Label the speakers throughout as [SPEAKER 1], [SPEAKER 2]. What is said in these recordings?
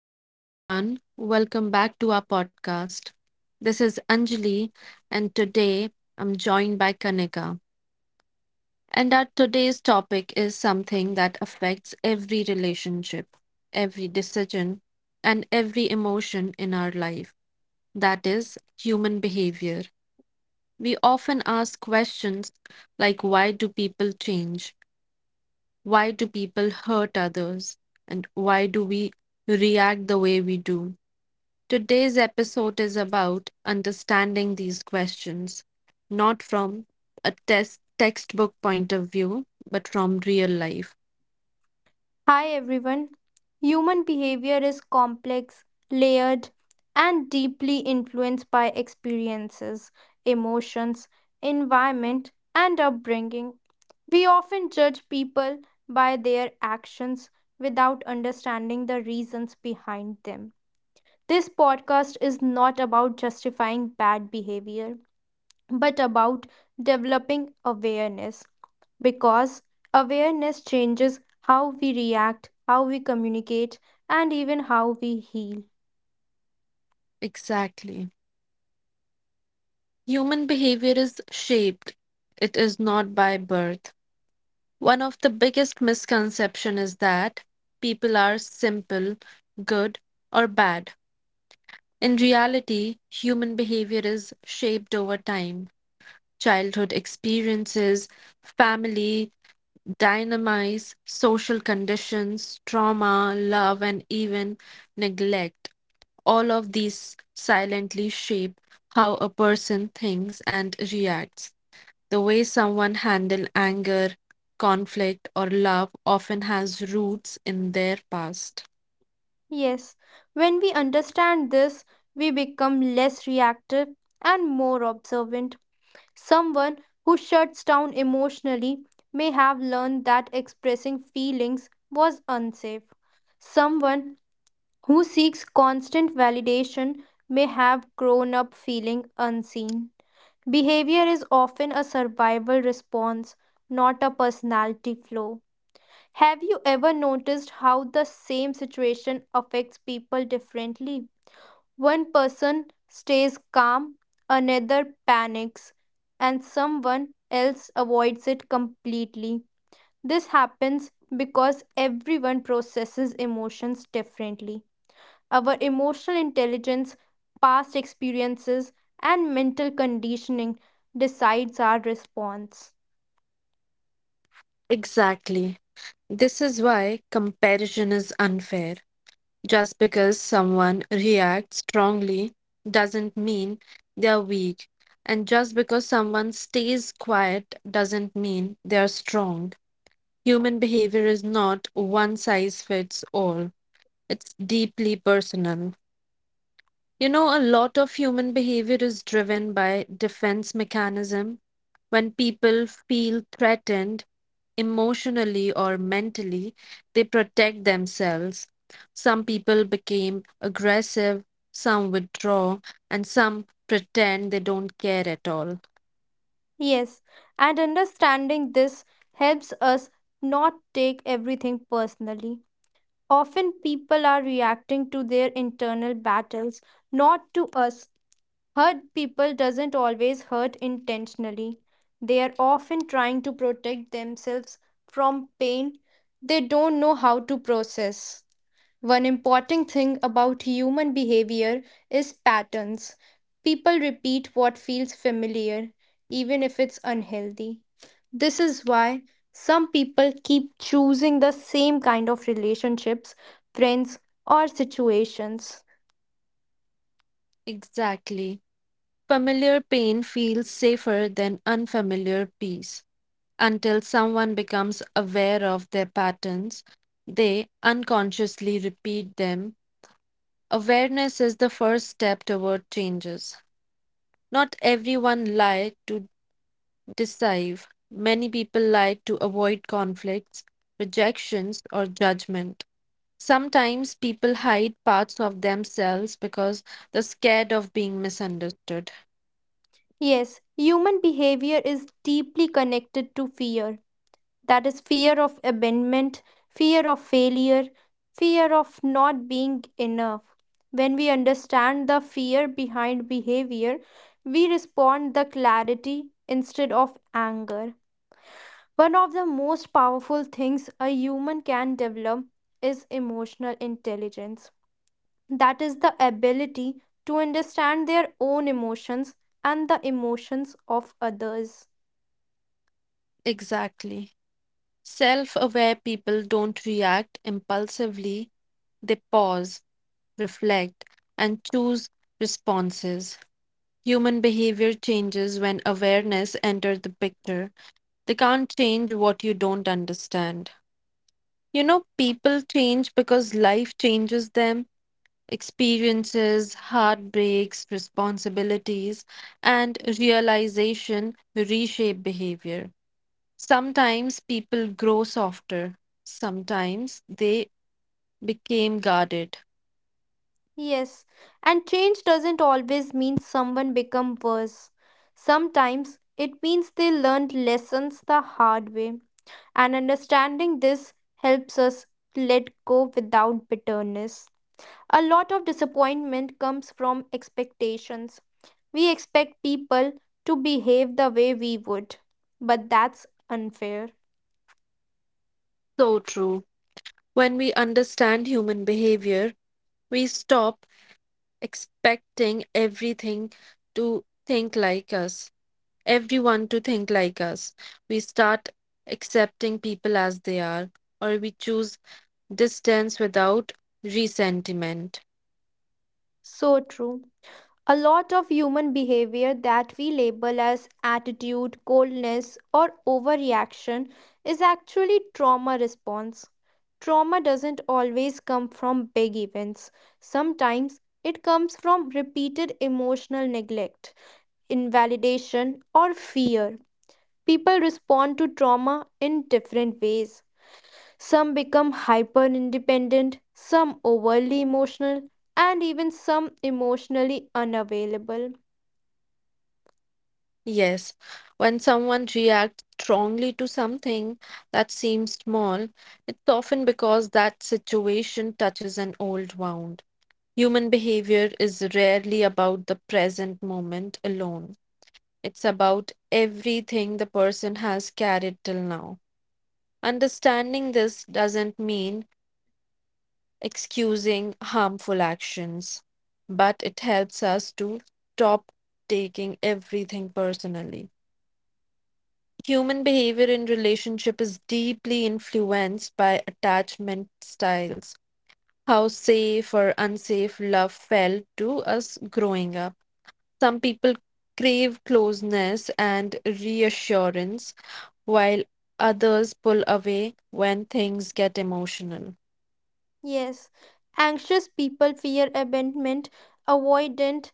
[SPEAKER 1] Hello, everyone. Welcome back to our podcast. This is Anjali, and today I'm joined by Kanika. And our today's topic is something that affects every relationship, every decision, and every emotion in our life, that is, human behavior. We often ask questions like, why do people change? Why do people hurt others? And why do we react the way we do? Today's episode is about understanding these questions, not from a test textbook point of view, but from real life.
[SPEAKER 2] Hi everyone. Human behavior is complex, layered, and deeply influenced by experiences, emotions, environment, and upbringing. We often judge people by their actions without understanding the reasons behind them. This podcast is not about justifying bad behavior but about developing awareness because awareness changes how we react, how we communicate, and even how we heal.
[SPEAKER 1] Exactly. Human behavior is shaped. It is not by birth. One of the biggest misconception is that people are simple, good, or bad. In reality, human behavior is shaped over time. Childhood experiences, family, dynamize social conditions, trauma, love, and even neglect. All of these silently shape how a person thinks and reacts. The way someone handles anger, conflict, or love often has roots in their past.
[SPEAKER 2] Yes, when we understand this, we become less reactive and more observant. Someone who shuts down emotionally may have learned that expressing feelings was unsafe. Someone who seeks constant validation may have grown up feeling unseen. Behavior is often a survival response, not a personality flaw. Have you ever noticed how the same situation affects people differently? One person stays calm, another panics, and someone else avoids it completely. This happens because everyone processes emotions differently. Our emotional intelligence, past experiences, and mental conditioning decides our response.
[SPEAKER 1] Exactly. This is why comparison is unfair. Just because someone reacts strongly doesn't mean they're weak, and just because someone stays quiet doesn't mean they're strong. Human behavior is not one size fits all, it's deeply personal. You know, a lot of human behavior is driven by defense mechanism. When people feel threatened emotionally or mentally, they protect themselves. Some people became aggressive, some withdraw, and some pretend they don't care at all.
[SPEAKER 2] Yes, and understanding this helps us not take everything personally. Often people are reacting to their internal battles, not to us. Hurt people doesn't always hurt intentionally. They are often trying to protect themselves from pain they don't know how to process. One important thing about human behavior is patterns. People repeat what feels familiar, even if it's unhealthy. This is why some people keep choosing the same kind of relationships, friends, or situations.
[SPEAKER 1] Exactly. Familiar pain feels safer than unfamiliar peace, until someone becomes aware of their patterns. They unconsciously repeat them. Awareness is the first step toward changes. Not everyone lie to deceive. Many people lie to avoid conflicts, rejections, or judgment. Sometimes people hide parts of themselves because they're scared of being misunderstood.
[SPEAKER 2] Yes, human behavior is deeply connected to fear. That is fear of abandonment, fear of failure, fear of not being enough. When we understand the fear behind behavior, we respond the clarity instead of anger. One of the most powerful things a human can develop is emotional intelligence. That is the ability to understand their own emotions and the emotions of others.
[SPEAKER 1] Exactly. Self aware people don't react impulsively, they pause, reflect, and choose responses. Human behavior changes when awareness enters the picture. They can't change what you don't understand. You know, people change because life changes them. Experiences, heartbreaks, responsibilities, and realization reshape behavior. Sometimes people grow softer, sometimes they became guarded.
[SPEAKER 2] Yes, and change doesn't always mean someone become worse. Sometimes it means they learned lessons the hard way, and understanding this helps us let go without bitterness. A lot of disappointment comes from expectations. We expect people to behave the way we would, but that's unfair.
[SPEAKER 1] So true. When we understand human behavior, we stop expecting everything to think like us, everyone to think like us. We start accepting people as they are, or we choose distance without resentment.
[SPEAKER 2] So true. A lot of human behavior that we label as attitude, coldness, or overreaction is actually trauma response. Trauma doesn't always come from big events. Sometimes it comes from repeated emotional neglect, invalidation, or fear. People respond to trauma in different ways. Some become hyper independent, some overly emotional, and even some emotionally unavailable.
[SPEAKER 1] Yes, when someone reacts strongly to something that seems small, it's often because that situation touches an old wound. Human behavior is rarely about the present moment alone. It's about everything the person has carried till now. Understanding this doesn't mean excusing harmful actions, but it helps us to stop taking everything personally. Human behavior in relationship is deeply influenced by attachment styles, how safe or unsafe love felt to us growing up. Some people crave closeness and reassurance, while others pull away when things get emotional.
[SPEAKER 2] Yes, anxious people fear abandonment, avoidant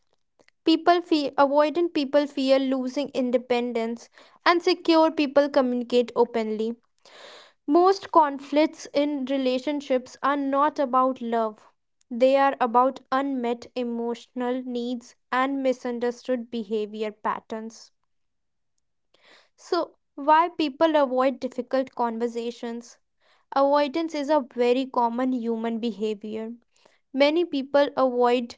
[SPEAKER 2] avoidant people fear losing independence, and secure people communicate openly. Most conflicts in relationships are not about love. They are about unmet emotional needs and misunderstood behavior patterns. So, why people avoid difficult conversations? Avoidance is a very common human behavior. Many people avoid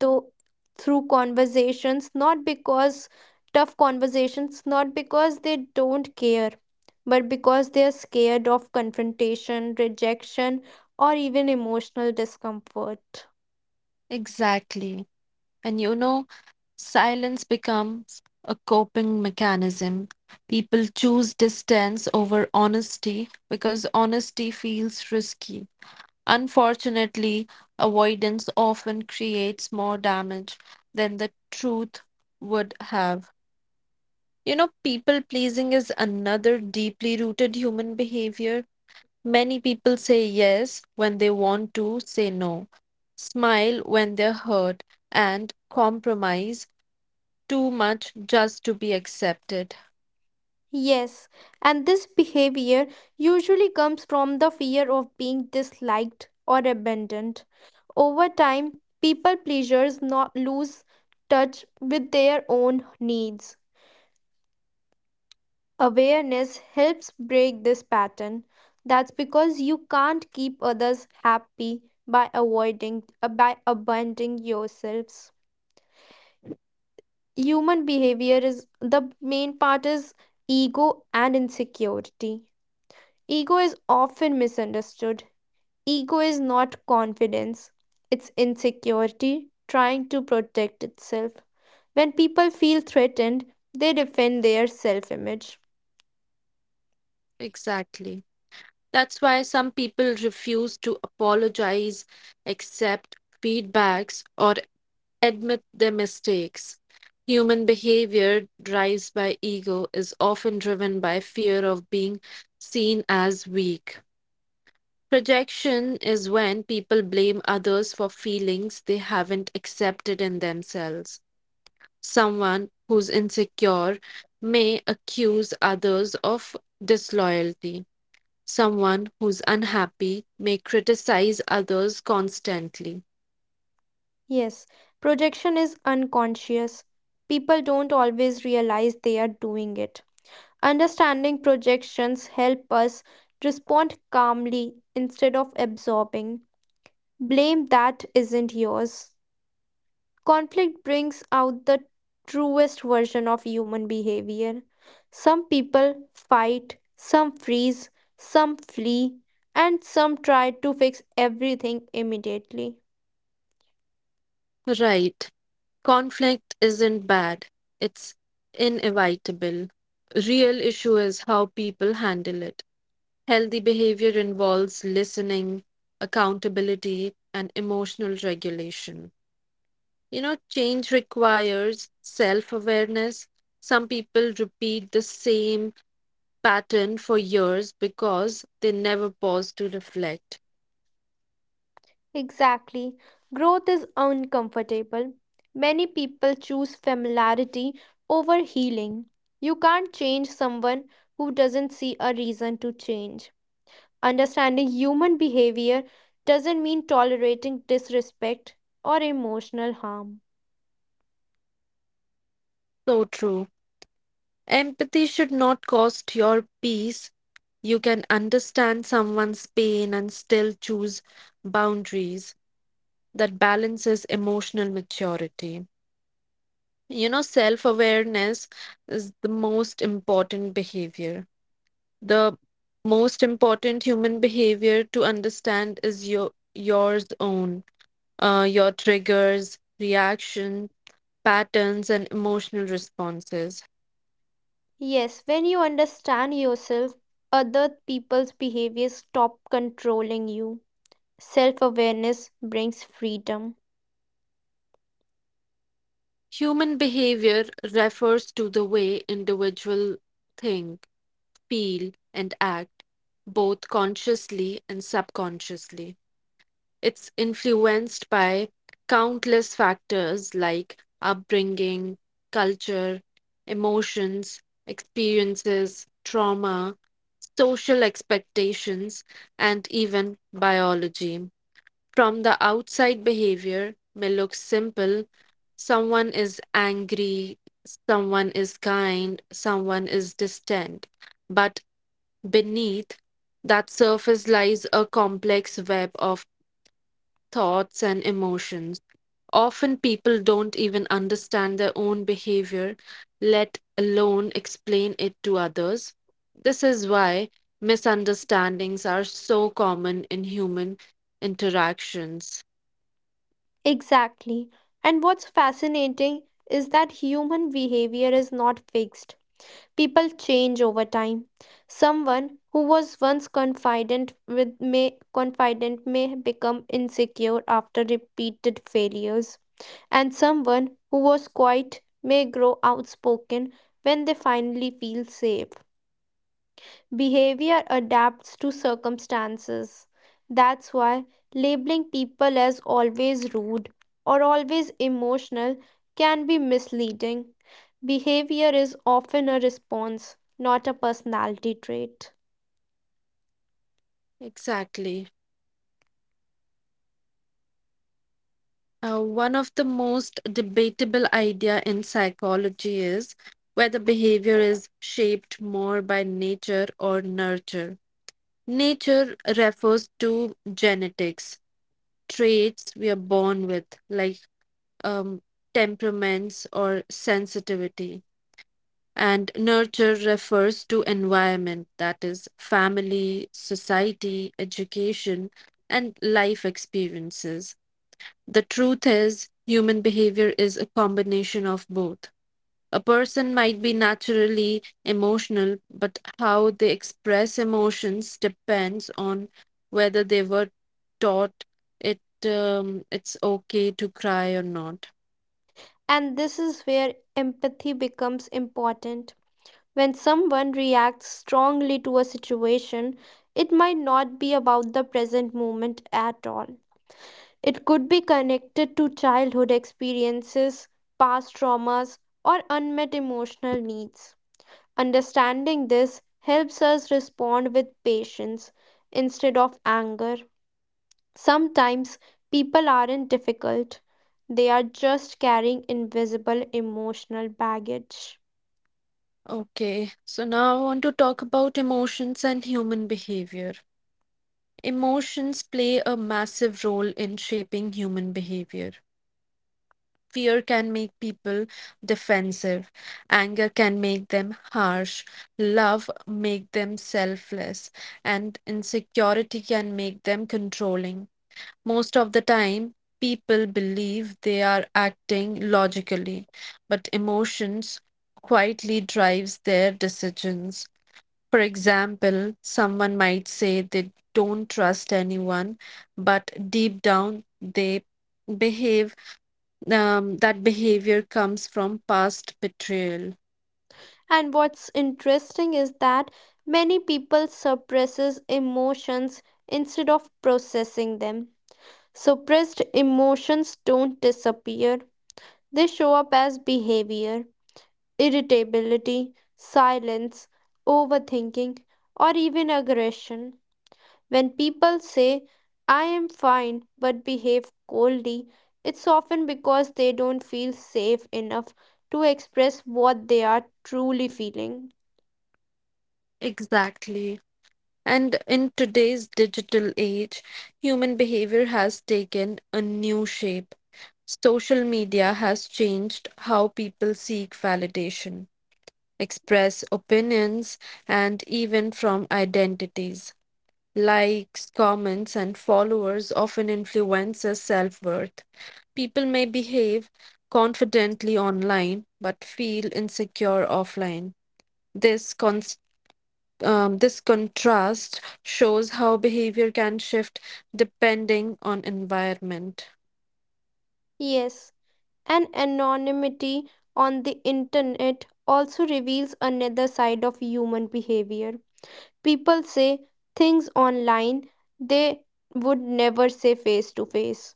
[SPEAKER 2] though through conversations, not because tough conversations, not because they don't care, but because they are scared of confrontation, rejection, or even emotional discomfort.
[SPEAKER 1] Exactly. And you know, silence becomes a coping mechanism. People choose distance over honesty because honesty feels risky. Unfortunately, avoidance often creates more damage than the truth would have. You know, people pleasing is another deeply rooted human behavior. Many people say yes when they want to say no, smile when they're hurt, and compromise too much just to be accepted.
[SPEAKER 2] Yes, and this behavior usually comes from the fear of being disliked or abandoned. Over time, people pleasers not lose touch with their own needs. Awareness helps break this pattern. That's because you can't keep others happy by abandoning yourselves. Human behavior is the main part is ego and insecurity. Ego is often misunderstood. Ego is not confidence. It's insecurity trying to protect itself. When people feel threatened, they defend their self-image.
[SPEAKER 1] Exactly. That's why some people refuse to apologize, accept feedbacks, or admit their mistakes. Human behavior drives by ego is often driven by fear of being seen as weak. Projection is when people blame others for feelings they haven't accepted in themselves. Someone who's insecure may accuse others of disloyalty. Someone who's unhappy may criticize others constantly.
[SPEAKER 2] Yes, projection is unconscious. People don't always realize they are doing it. Understanding projections help us respond calmly instead of absorbing blame that isn't yours. Conflict brings out the truest version of human behavior. Some people fight, some freeze, some flee, and some try to fix everything immediately.
[SPEAKER 1] Right. Conflict isn't bad, it's inevitable. Real issue is how people handle it. Healthy behavior involves listening, accountability, and emotional regulation. You know, change requires self awareness. Some people repeat the same pattern for years because they never pause to reflect.
[SPEAKER 2] Exactly. Growth is uncomfortable. Many people choose familiarity over healing. You can't change someone who doesn't see a reason to change. Understanding human behavior doesn't mean tolerating disrespect or emotional harm.
[SPEAKER 1] So true. Empathy should not cost your peace. You can understand someone's pain and still choose boundaries that balances emotional maturity. You know, self awareness is the most important behavior. The most important human behavior to understand is your yours own, your triggers, reaction, patterns, and emotional responses.
[SPEAKER 2] Yes, when you understand yourself, other people's behaviors stop controlling you. Self awareness brings freedom.
[SPEAKER 1] Human behavior refers to the way individual think, feel, and act, both consciously and subconsciously. It's influenced by countless factors like upbringing, culture, emotions, experiences, trauma, social expectations, and even biology. From the outside, behavior may look simple. Someone is angry, someone is kind, someone is distant. But beneath that surface lies a complex web of thoughts and emotions. Often people don't even understand their own behavior, let alone explain it to others. This is why misunderstandings are so common in human interactions.
[SPEAKER 2] Exactly. And what's fascinating is that human behavior is not fixed. People change over time. Someone who was once confident may become insecure after repeated failures, and someone who was quiet may grow outspoken when they finally feel safe. Behavior adapts to circumstances. That's why labeling people as always rude or always emotional can be misleading. Behavior is often a response, not a personality trait.
[SPEAKER 1] Exactly. One of the most debatable idea in psychology is whether behavior is shaped more by nature or nurture. Nature refers to genetics, traits we are born with, like um, temperaments or sensitivity. And nurture refers to environment, that is, family, society, education, and life experiences. The truth is, human behavior is a combination of both. A person might be naturally emotional, but how they express emotions depends on whether they were taught it, it's okay to cry or not.
[SPEAKER 2] And this is where empathy becomes important. When someone reacts strongly to a situation, it might not be about the present moment at all. It could be connected to childhood experiences, past traumas, or unmet emotional needs. Understanding this helps us respond with patience instead of anger. Sometimes people aren't difficult, they are just carrying invisible emotional baggage.
[SPEAKER 1] Okay, so now I want to talk about emotions and human behavior. Emotions play a massive role in shaping human behavior. Fear can make people defensive. Anger can make them harsh. Love make them selfless. And insecurity can make them controlling. Most of the time, people believe they are acting logically, but emotions quietly drives their decisions. For example, someone might say they don't trust anyone, but deep down they behave, that behavior comes from past betrayal.
[SPEAKER 2] And what's interesting is that many people suppresses emotions instead of processing them. Suppressed emotions don't disappear, they show up as behavior, irritability, silence, overthinking, or even aggression. When people say, "I am fine" but behave coldly, it's often because they don't feel safe enough to express what they are truly feeling.
[SPEAKER 1] Exactly. And in today's digital age, human behavior has taken a new shape. Social media has changed how people seek validation, express opinions, and even from identities. Likes, comments, and followers often influence our self worth. People may behave confidently online but feel insecure offline. This, cons- this contrast shows how behavior can shift depending on environment.
[SPEAKER 2] Yes, and anonymity on the internet also reveals another side of human behavior. People say things online they would never say face to face.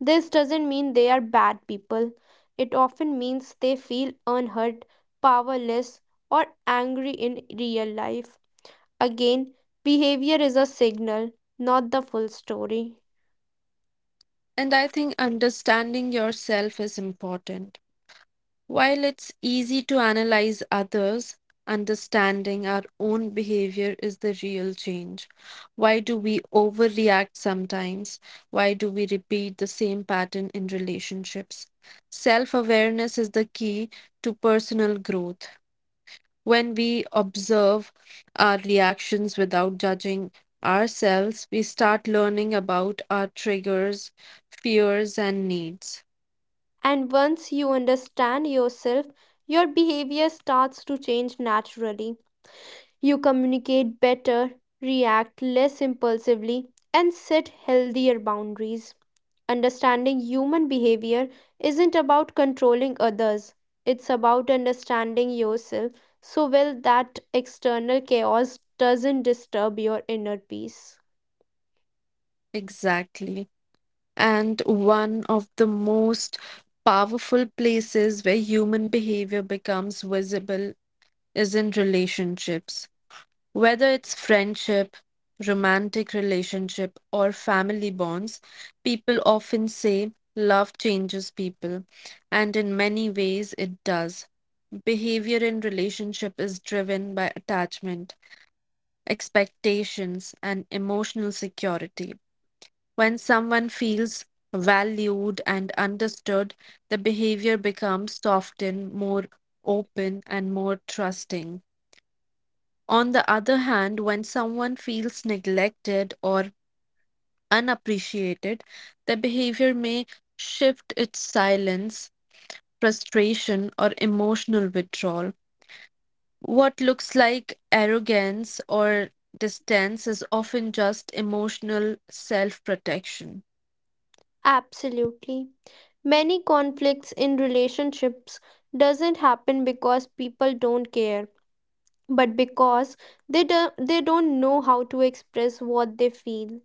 [SPEAKER 2] This doesn't mean they are bad people. It often means they feel unhurt, powerless, or angry in real life. Again, behavior is a signal, not the full story.
[SPEAKER 1] And I think understanding yourself is important. While it's easy to analyze others, understanding our own behavior is the real change. Why do we overreact sometimes? Why do we repeat the same pattern in relationships? Self awareness is the key to personal growth. When we observe our reactions without judging ourselves, we start learning about our triggers, fears, and needs.
[SPEAKER 2] And once you understand yourself, your behavior starts to change naturally. You communicate better, react less impulsively, and set healthier boundaries. Understanding human behavior isn't about controlling others, it's about understanding yourself so well that external chaos doesn't disturb your inner peace.
[SPEAKER 1] Exactly. And one of the most powerful places where human behavior becomes visible is in relationships. Whether it's friendship, romantic relationship, or family bonds, people often say love changes people, and in many ways it does. Behavior in relationship is driven by attachment, expectations, and emotional security when someone feels valued and understood, the behavior becomes softened, more open, and more trusting. On the other hand, when someone feels neglected or unappreciated, the behavior may shift its silence, frustration, or emotional withdrawal. What looks like arrogance or distance is often just emotional self protection.
[SPEAKER 2] Absolutely. Many conflicts in relationships doesn't happen because people don't care, but because they do, they don't know how to express what they feel.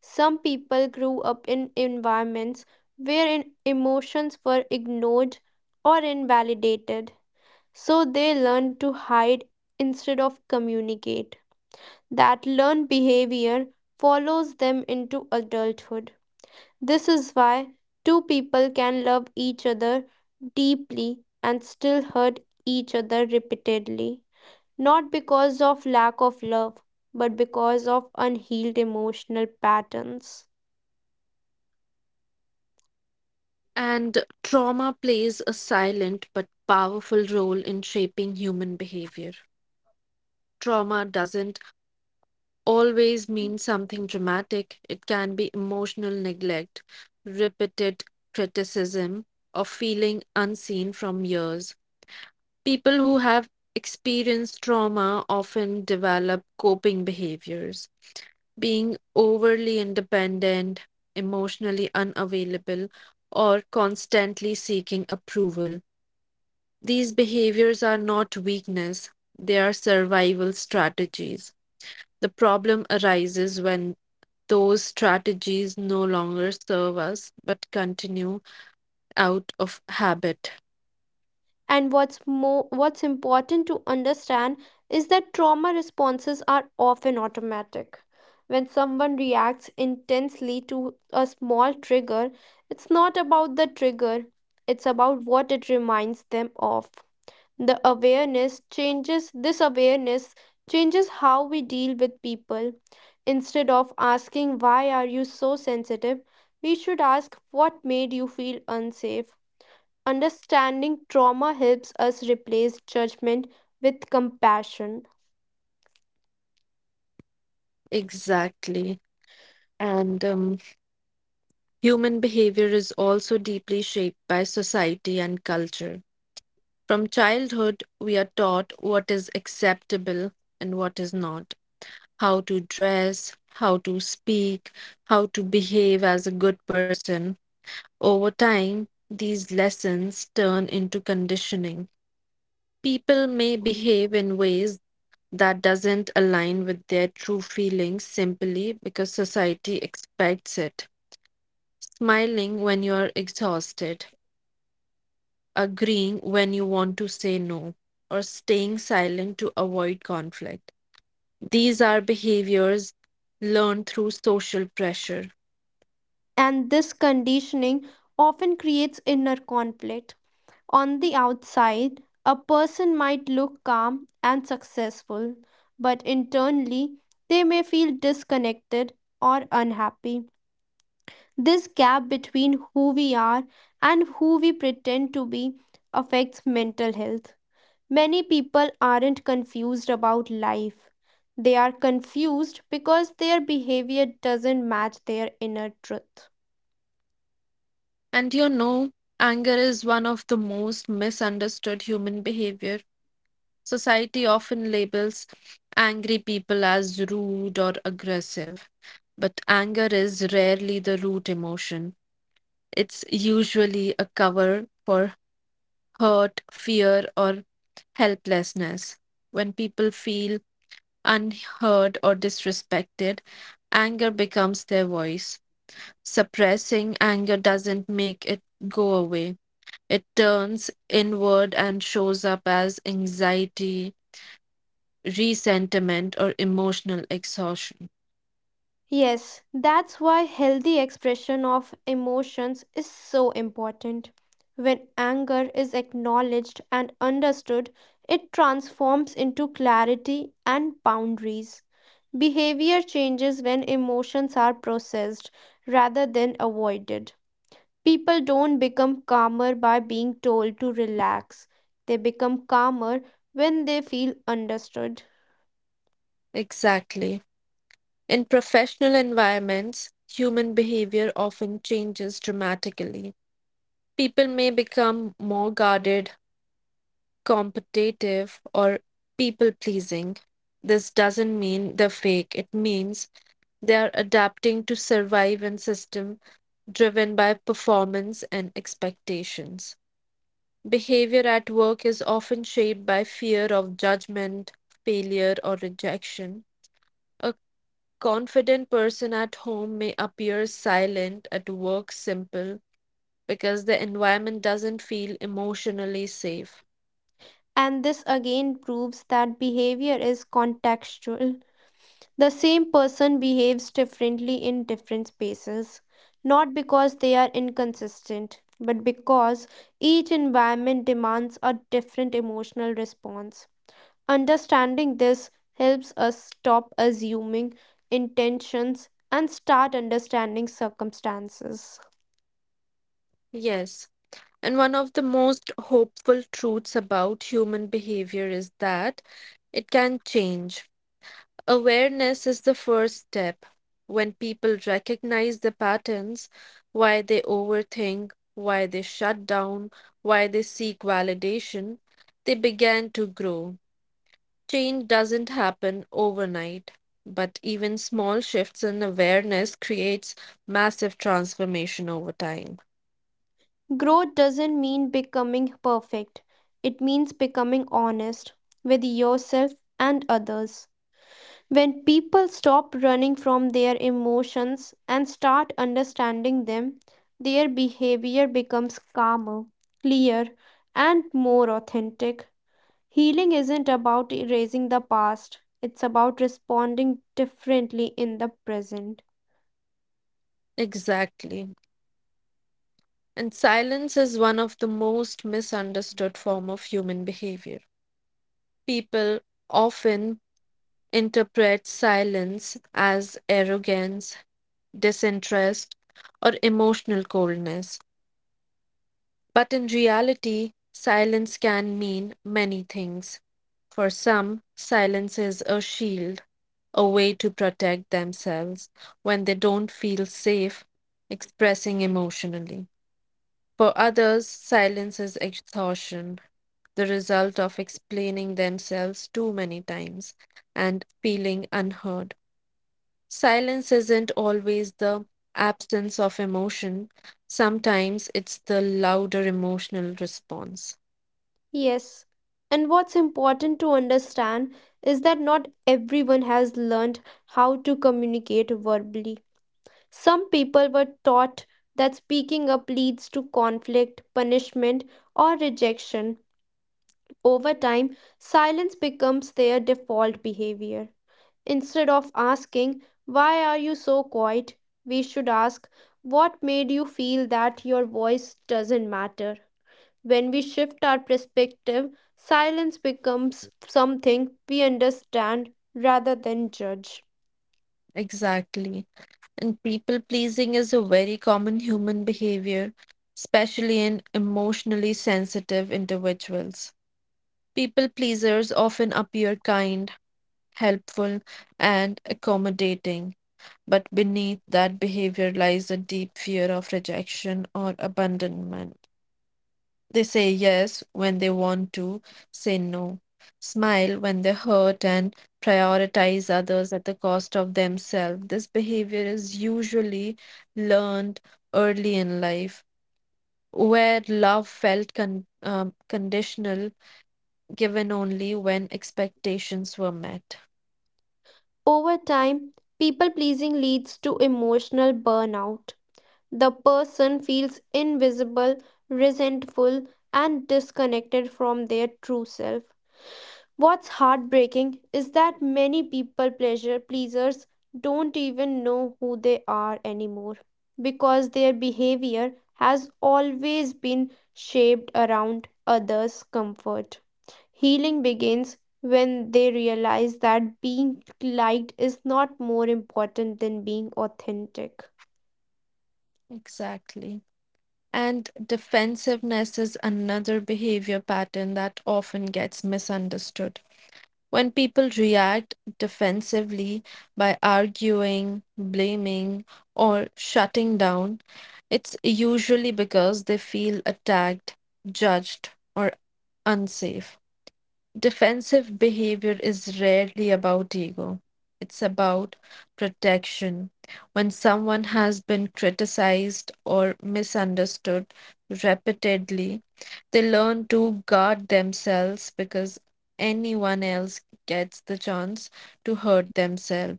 [SPEAKER 2] Some people grew up in environments where emotions were ignored or invalidated, so they learned to hide instead of communicate. That learned behavior follows them into adulthood. This is why two people can love each other deeply and still hurt each other repeatedly. Not because of lack of love, but because of unhealed emotional patterns.
[SPEAKER 1] And trauma plays a silent but powerful role in shaping human behavior. Trauma doesn't always mean something dramatic, it can be emotional neglect, repeated criticism, or feeling unseen from years. People who have experienced trauma often develop coping behaviors, being overly independent, emotionally unavailable, or constantly seeking approval. These behaviors are not weakness, they are survival strategies. The problem arises when those strategies no longer serve us but continue out of habit.
[SPEAKER 2] And what's important to understand is that trauma responses are often automatic. When someone reacts intensely to a small trigger, it's not about the trigger, it's about what it reminds them of. The awareness changes this awareness changes how we deal with people. Instead of asking, "Why are you so sensitive?" we should ask, "What made you feel unsafe?" Understanding trauma helps us replace judgment with compassion.
[SPEAKER 1] Exactly. And human behavior is also deeply shaped by society and culture. From childhood, we are taught what is acceptable and what is not, how to dress, how to speak, how to behave as a good person. Over time, these lessons turn into conditioning. People may behave in ways that doesn't align with their true feelings simply because society expects it. Smiling when you're exhausted, agreeing when you want to say no, or staying silent to avoid conflict. These are behaviors learned through social pressure.
[SPEAKER 2] And this conditioning often creates inner conflict. On the outside, a person might look calm and successful, but internally, they may feel disconnected or unhappy. This gap between who we are and who we pretend to be affects mental health. Many people aren't confused about life. They are confused because their behavior doesn't match their inner truth.
[SPEAKER 1] And you know, anger is one of the most misunderstood human behavior. Society often labels angry people as rude or aggressive, but anger is rarely the root emotion. It's usually a cover for hurt, fear, or helplessness. When people feel unheard or disrespected, anger becomes their voice. Suppressing anger doesn't make it go away. It turns inward and shows up as anxiety, resentment, or emotional exhaustion.
[SPEAKER 2] Yes, that's why healthy expression of emotions is so important. When anger is acknowledged and understood, it transforms into clarity and boundaries. Behavior changes when emotions are processed rather than avoided. People don't become calmer by being told to relax, they become calmer when they feel understood.
[SPEAKER 1] Exactly. In professional environments, human behavior often changes dramatically. People may become more guarded, competitive, or people pleasing. This doesn't mean they're fake, it means they are adapting to survive in system driven by performance and expectations. Behavior at work is often shaped by fear of judgment, failure, or rejection. A confident person at home may appear silent, at work simple, because the environment doesn't feel emotionally safe.
[SPEAKER 2] And this again proves that behavior is contextual. The same person behaves differently in different spaces, not because they are inconsistent, but because each environment demands a different emotional response. Understanding this helps us stop assuming intentions and start understanding circumstances.
[SPEAKER 1] Yes, and one of the most hopeful truths about human behavior is that it can change. Awareness is the first step. When people recognize the patterns, why they overthink, why they shut down, why they seek validation, they begin to grow. Change doesn't happen overnight, but even small shifts in awareness creates massive transformation over time.
[SPEAKER 2] Growth doesn't mean becoming perfect, it means becoming honest with yourself and others. When people stop running from their emotions and start understanding them, their behavior becomes calmer, clear, and more authentic. Healing isn't about erasing the past, it's about responding differently in the present.
[SPEAKER 1] Exactly. And silence is one of the most misunderstood form of human behavior. People often interprets silence as arrogance, disinterest, or emotional coldness. But in reality, silence can mean many things. For some, silence is a shield, a way to protect themselves when they don't feel safe expressing emotionally. For others, silence is exhaustion, the result of explaining themselves too many times and feeling unheard. Silence isn't always the absence of emotion, sometimes it's the louder emotional response.
[SPEAKER 2] Yes. And what's important to understand is that not everyone has learned how to communicate verbally. Some people were taught that speaking up leads to conflict, punishment, or rejection. Over time, silence becomes their default behavior. Instead of asking, "Why are you so quiet?" we should ask, "What made you feel that your voice doesn't matter?" When we shift our perspective, silence becomes something we understand rather than judge.
[SPEAKER 1] Exactly. And people pleasing is a very common human behavior, especially in emotionally sensitive individuals. People pleasers often appear kind, helpful, and accommodating, but beneath that behavior lies a deep fear of rejection or abandonment. They say yes when they want to say no, smile when they hurt, and prioritize others at the cost of themselves. This behavior is usually learned early in life, where love felt conditional, given only when expectations were met.
[SPEAKER 2] Over time, people pleasing leads to emotional burnout. The person feels invisible, resentful, and disconnected from their true self. What's heartbreaking is that many people pleasure pleasers don't even know who they are anymore because their behavior has always been shaped around others' comfort. Healing begins when they realize that being liked is not more important than being authentic.
[SPEAKER 1] Exactly. And defensiveness is another behavior pattern that often gets misunderstood. When people react defensively by arguing, blaming, or shutting down, it's usually because they feel attacked, judged, or unsafe. Defensive behavior is rarely about ego. It's about protection. When someone has been criticized or misunderstood repeatedly, they learn to guard themselves because anyone else gets the chance to hurt themselves.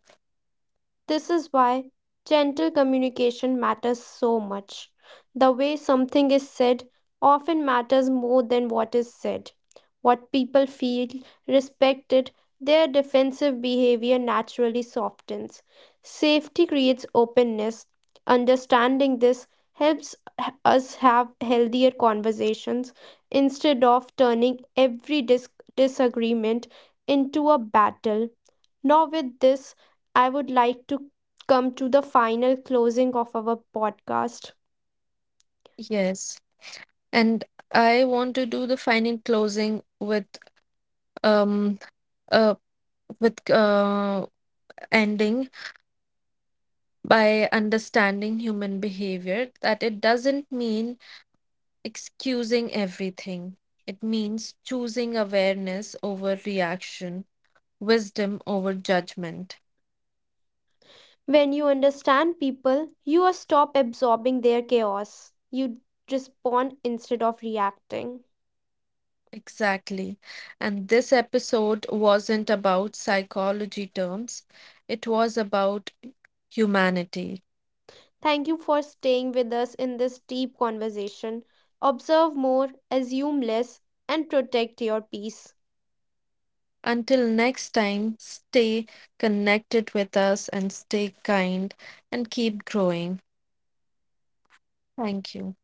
[SPEAKER 2] This is why gentle communication matters so much. The way something is said often matters more than what is said. What people feel respected, their defensive behavior naturally softens. Safety creates openness. Understanding this helps us have healthier conversations instead of turning every disagreement into a battle. Now, with this, I would like to come to the final closing of our podcast.
[SPEAKER 1] Yes. And I want to do the final closing with um uh with uh ending by understanding human behavior that it doesn't mean excusing everything. It means choosing awareness over reaction, wisdom over judgment.
[SPEAKER 2] When you understand people, you stop absorbing their chaos. You respond instead of reacting.
[SPEAKER 1] Exactly. And this episode wasn't about psychology terms, it was about humanity.
[SPEAKER 2] Thank you for staying with us in this deep conversation. Observe more, assume less, and protect your peace.
[SPEAKER 1] Until next time, stay connected with us and stay kind and keep growing. Thank you.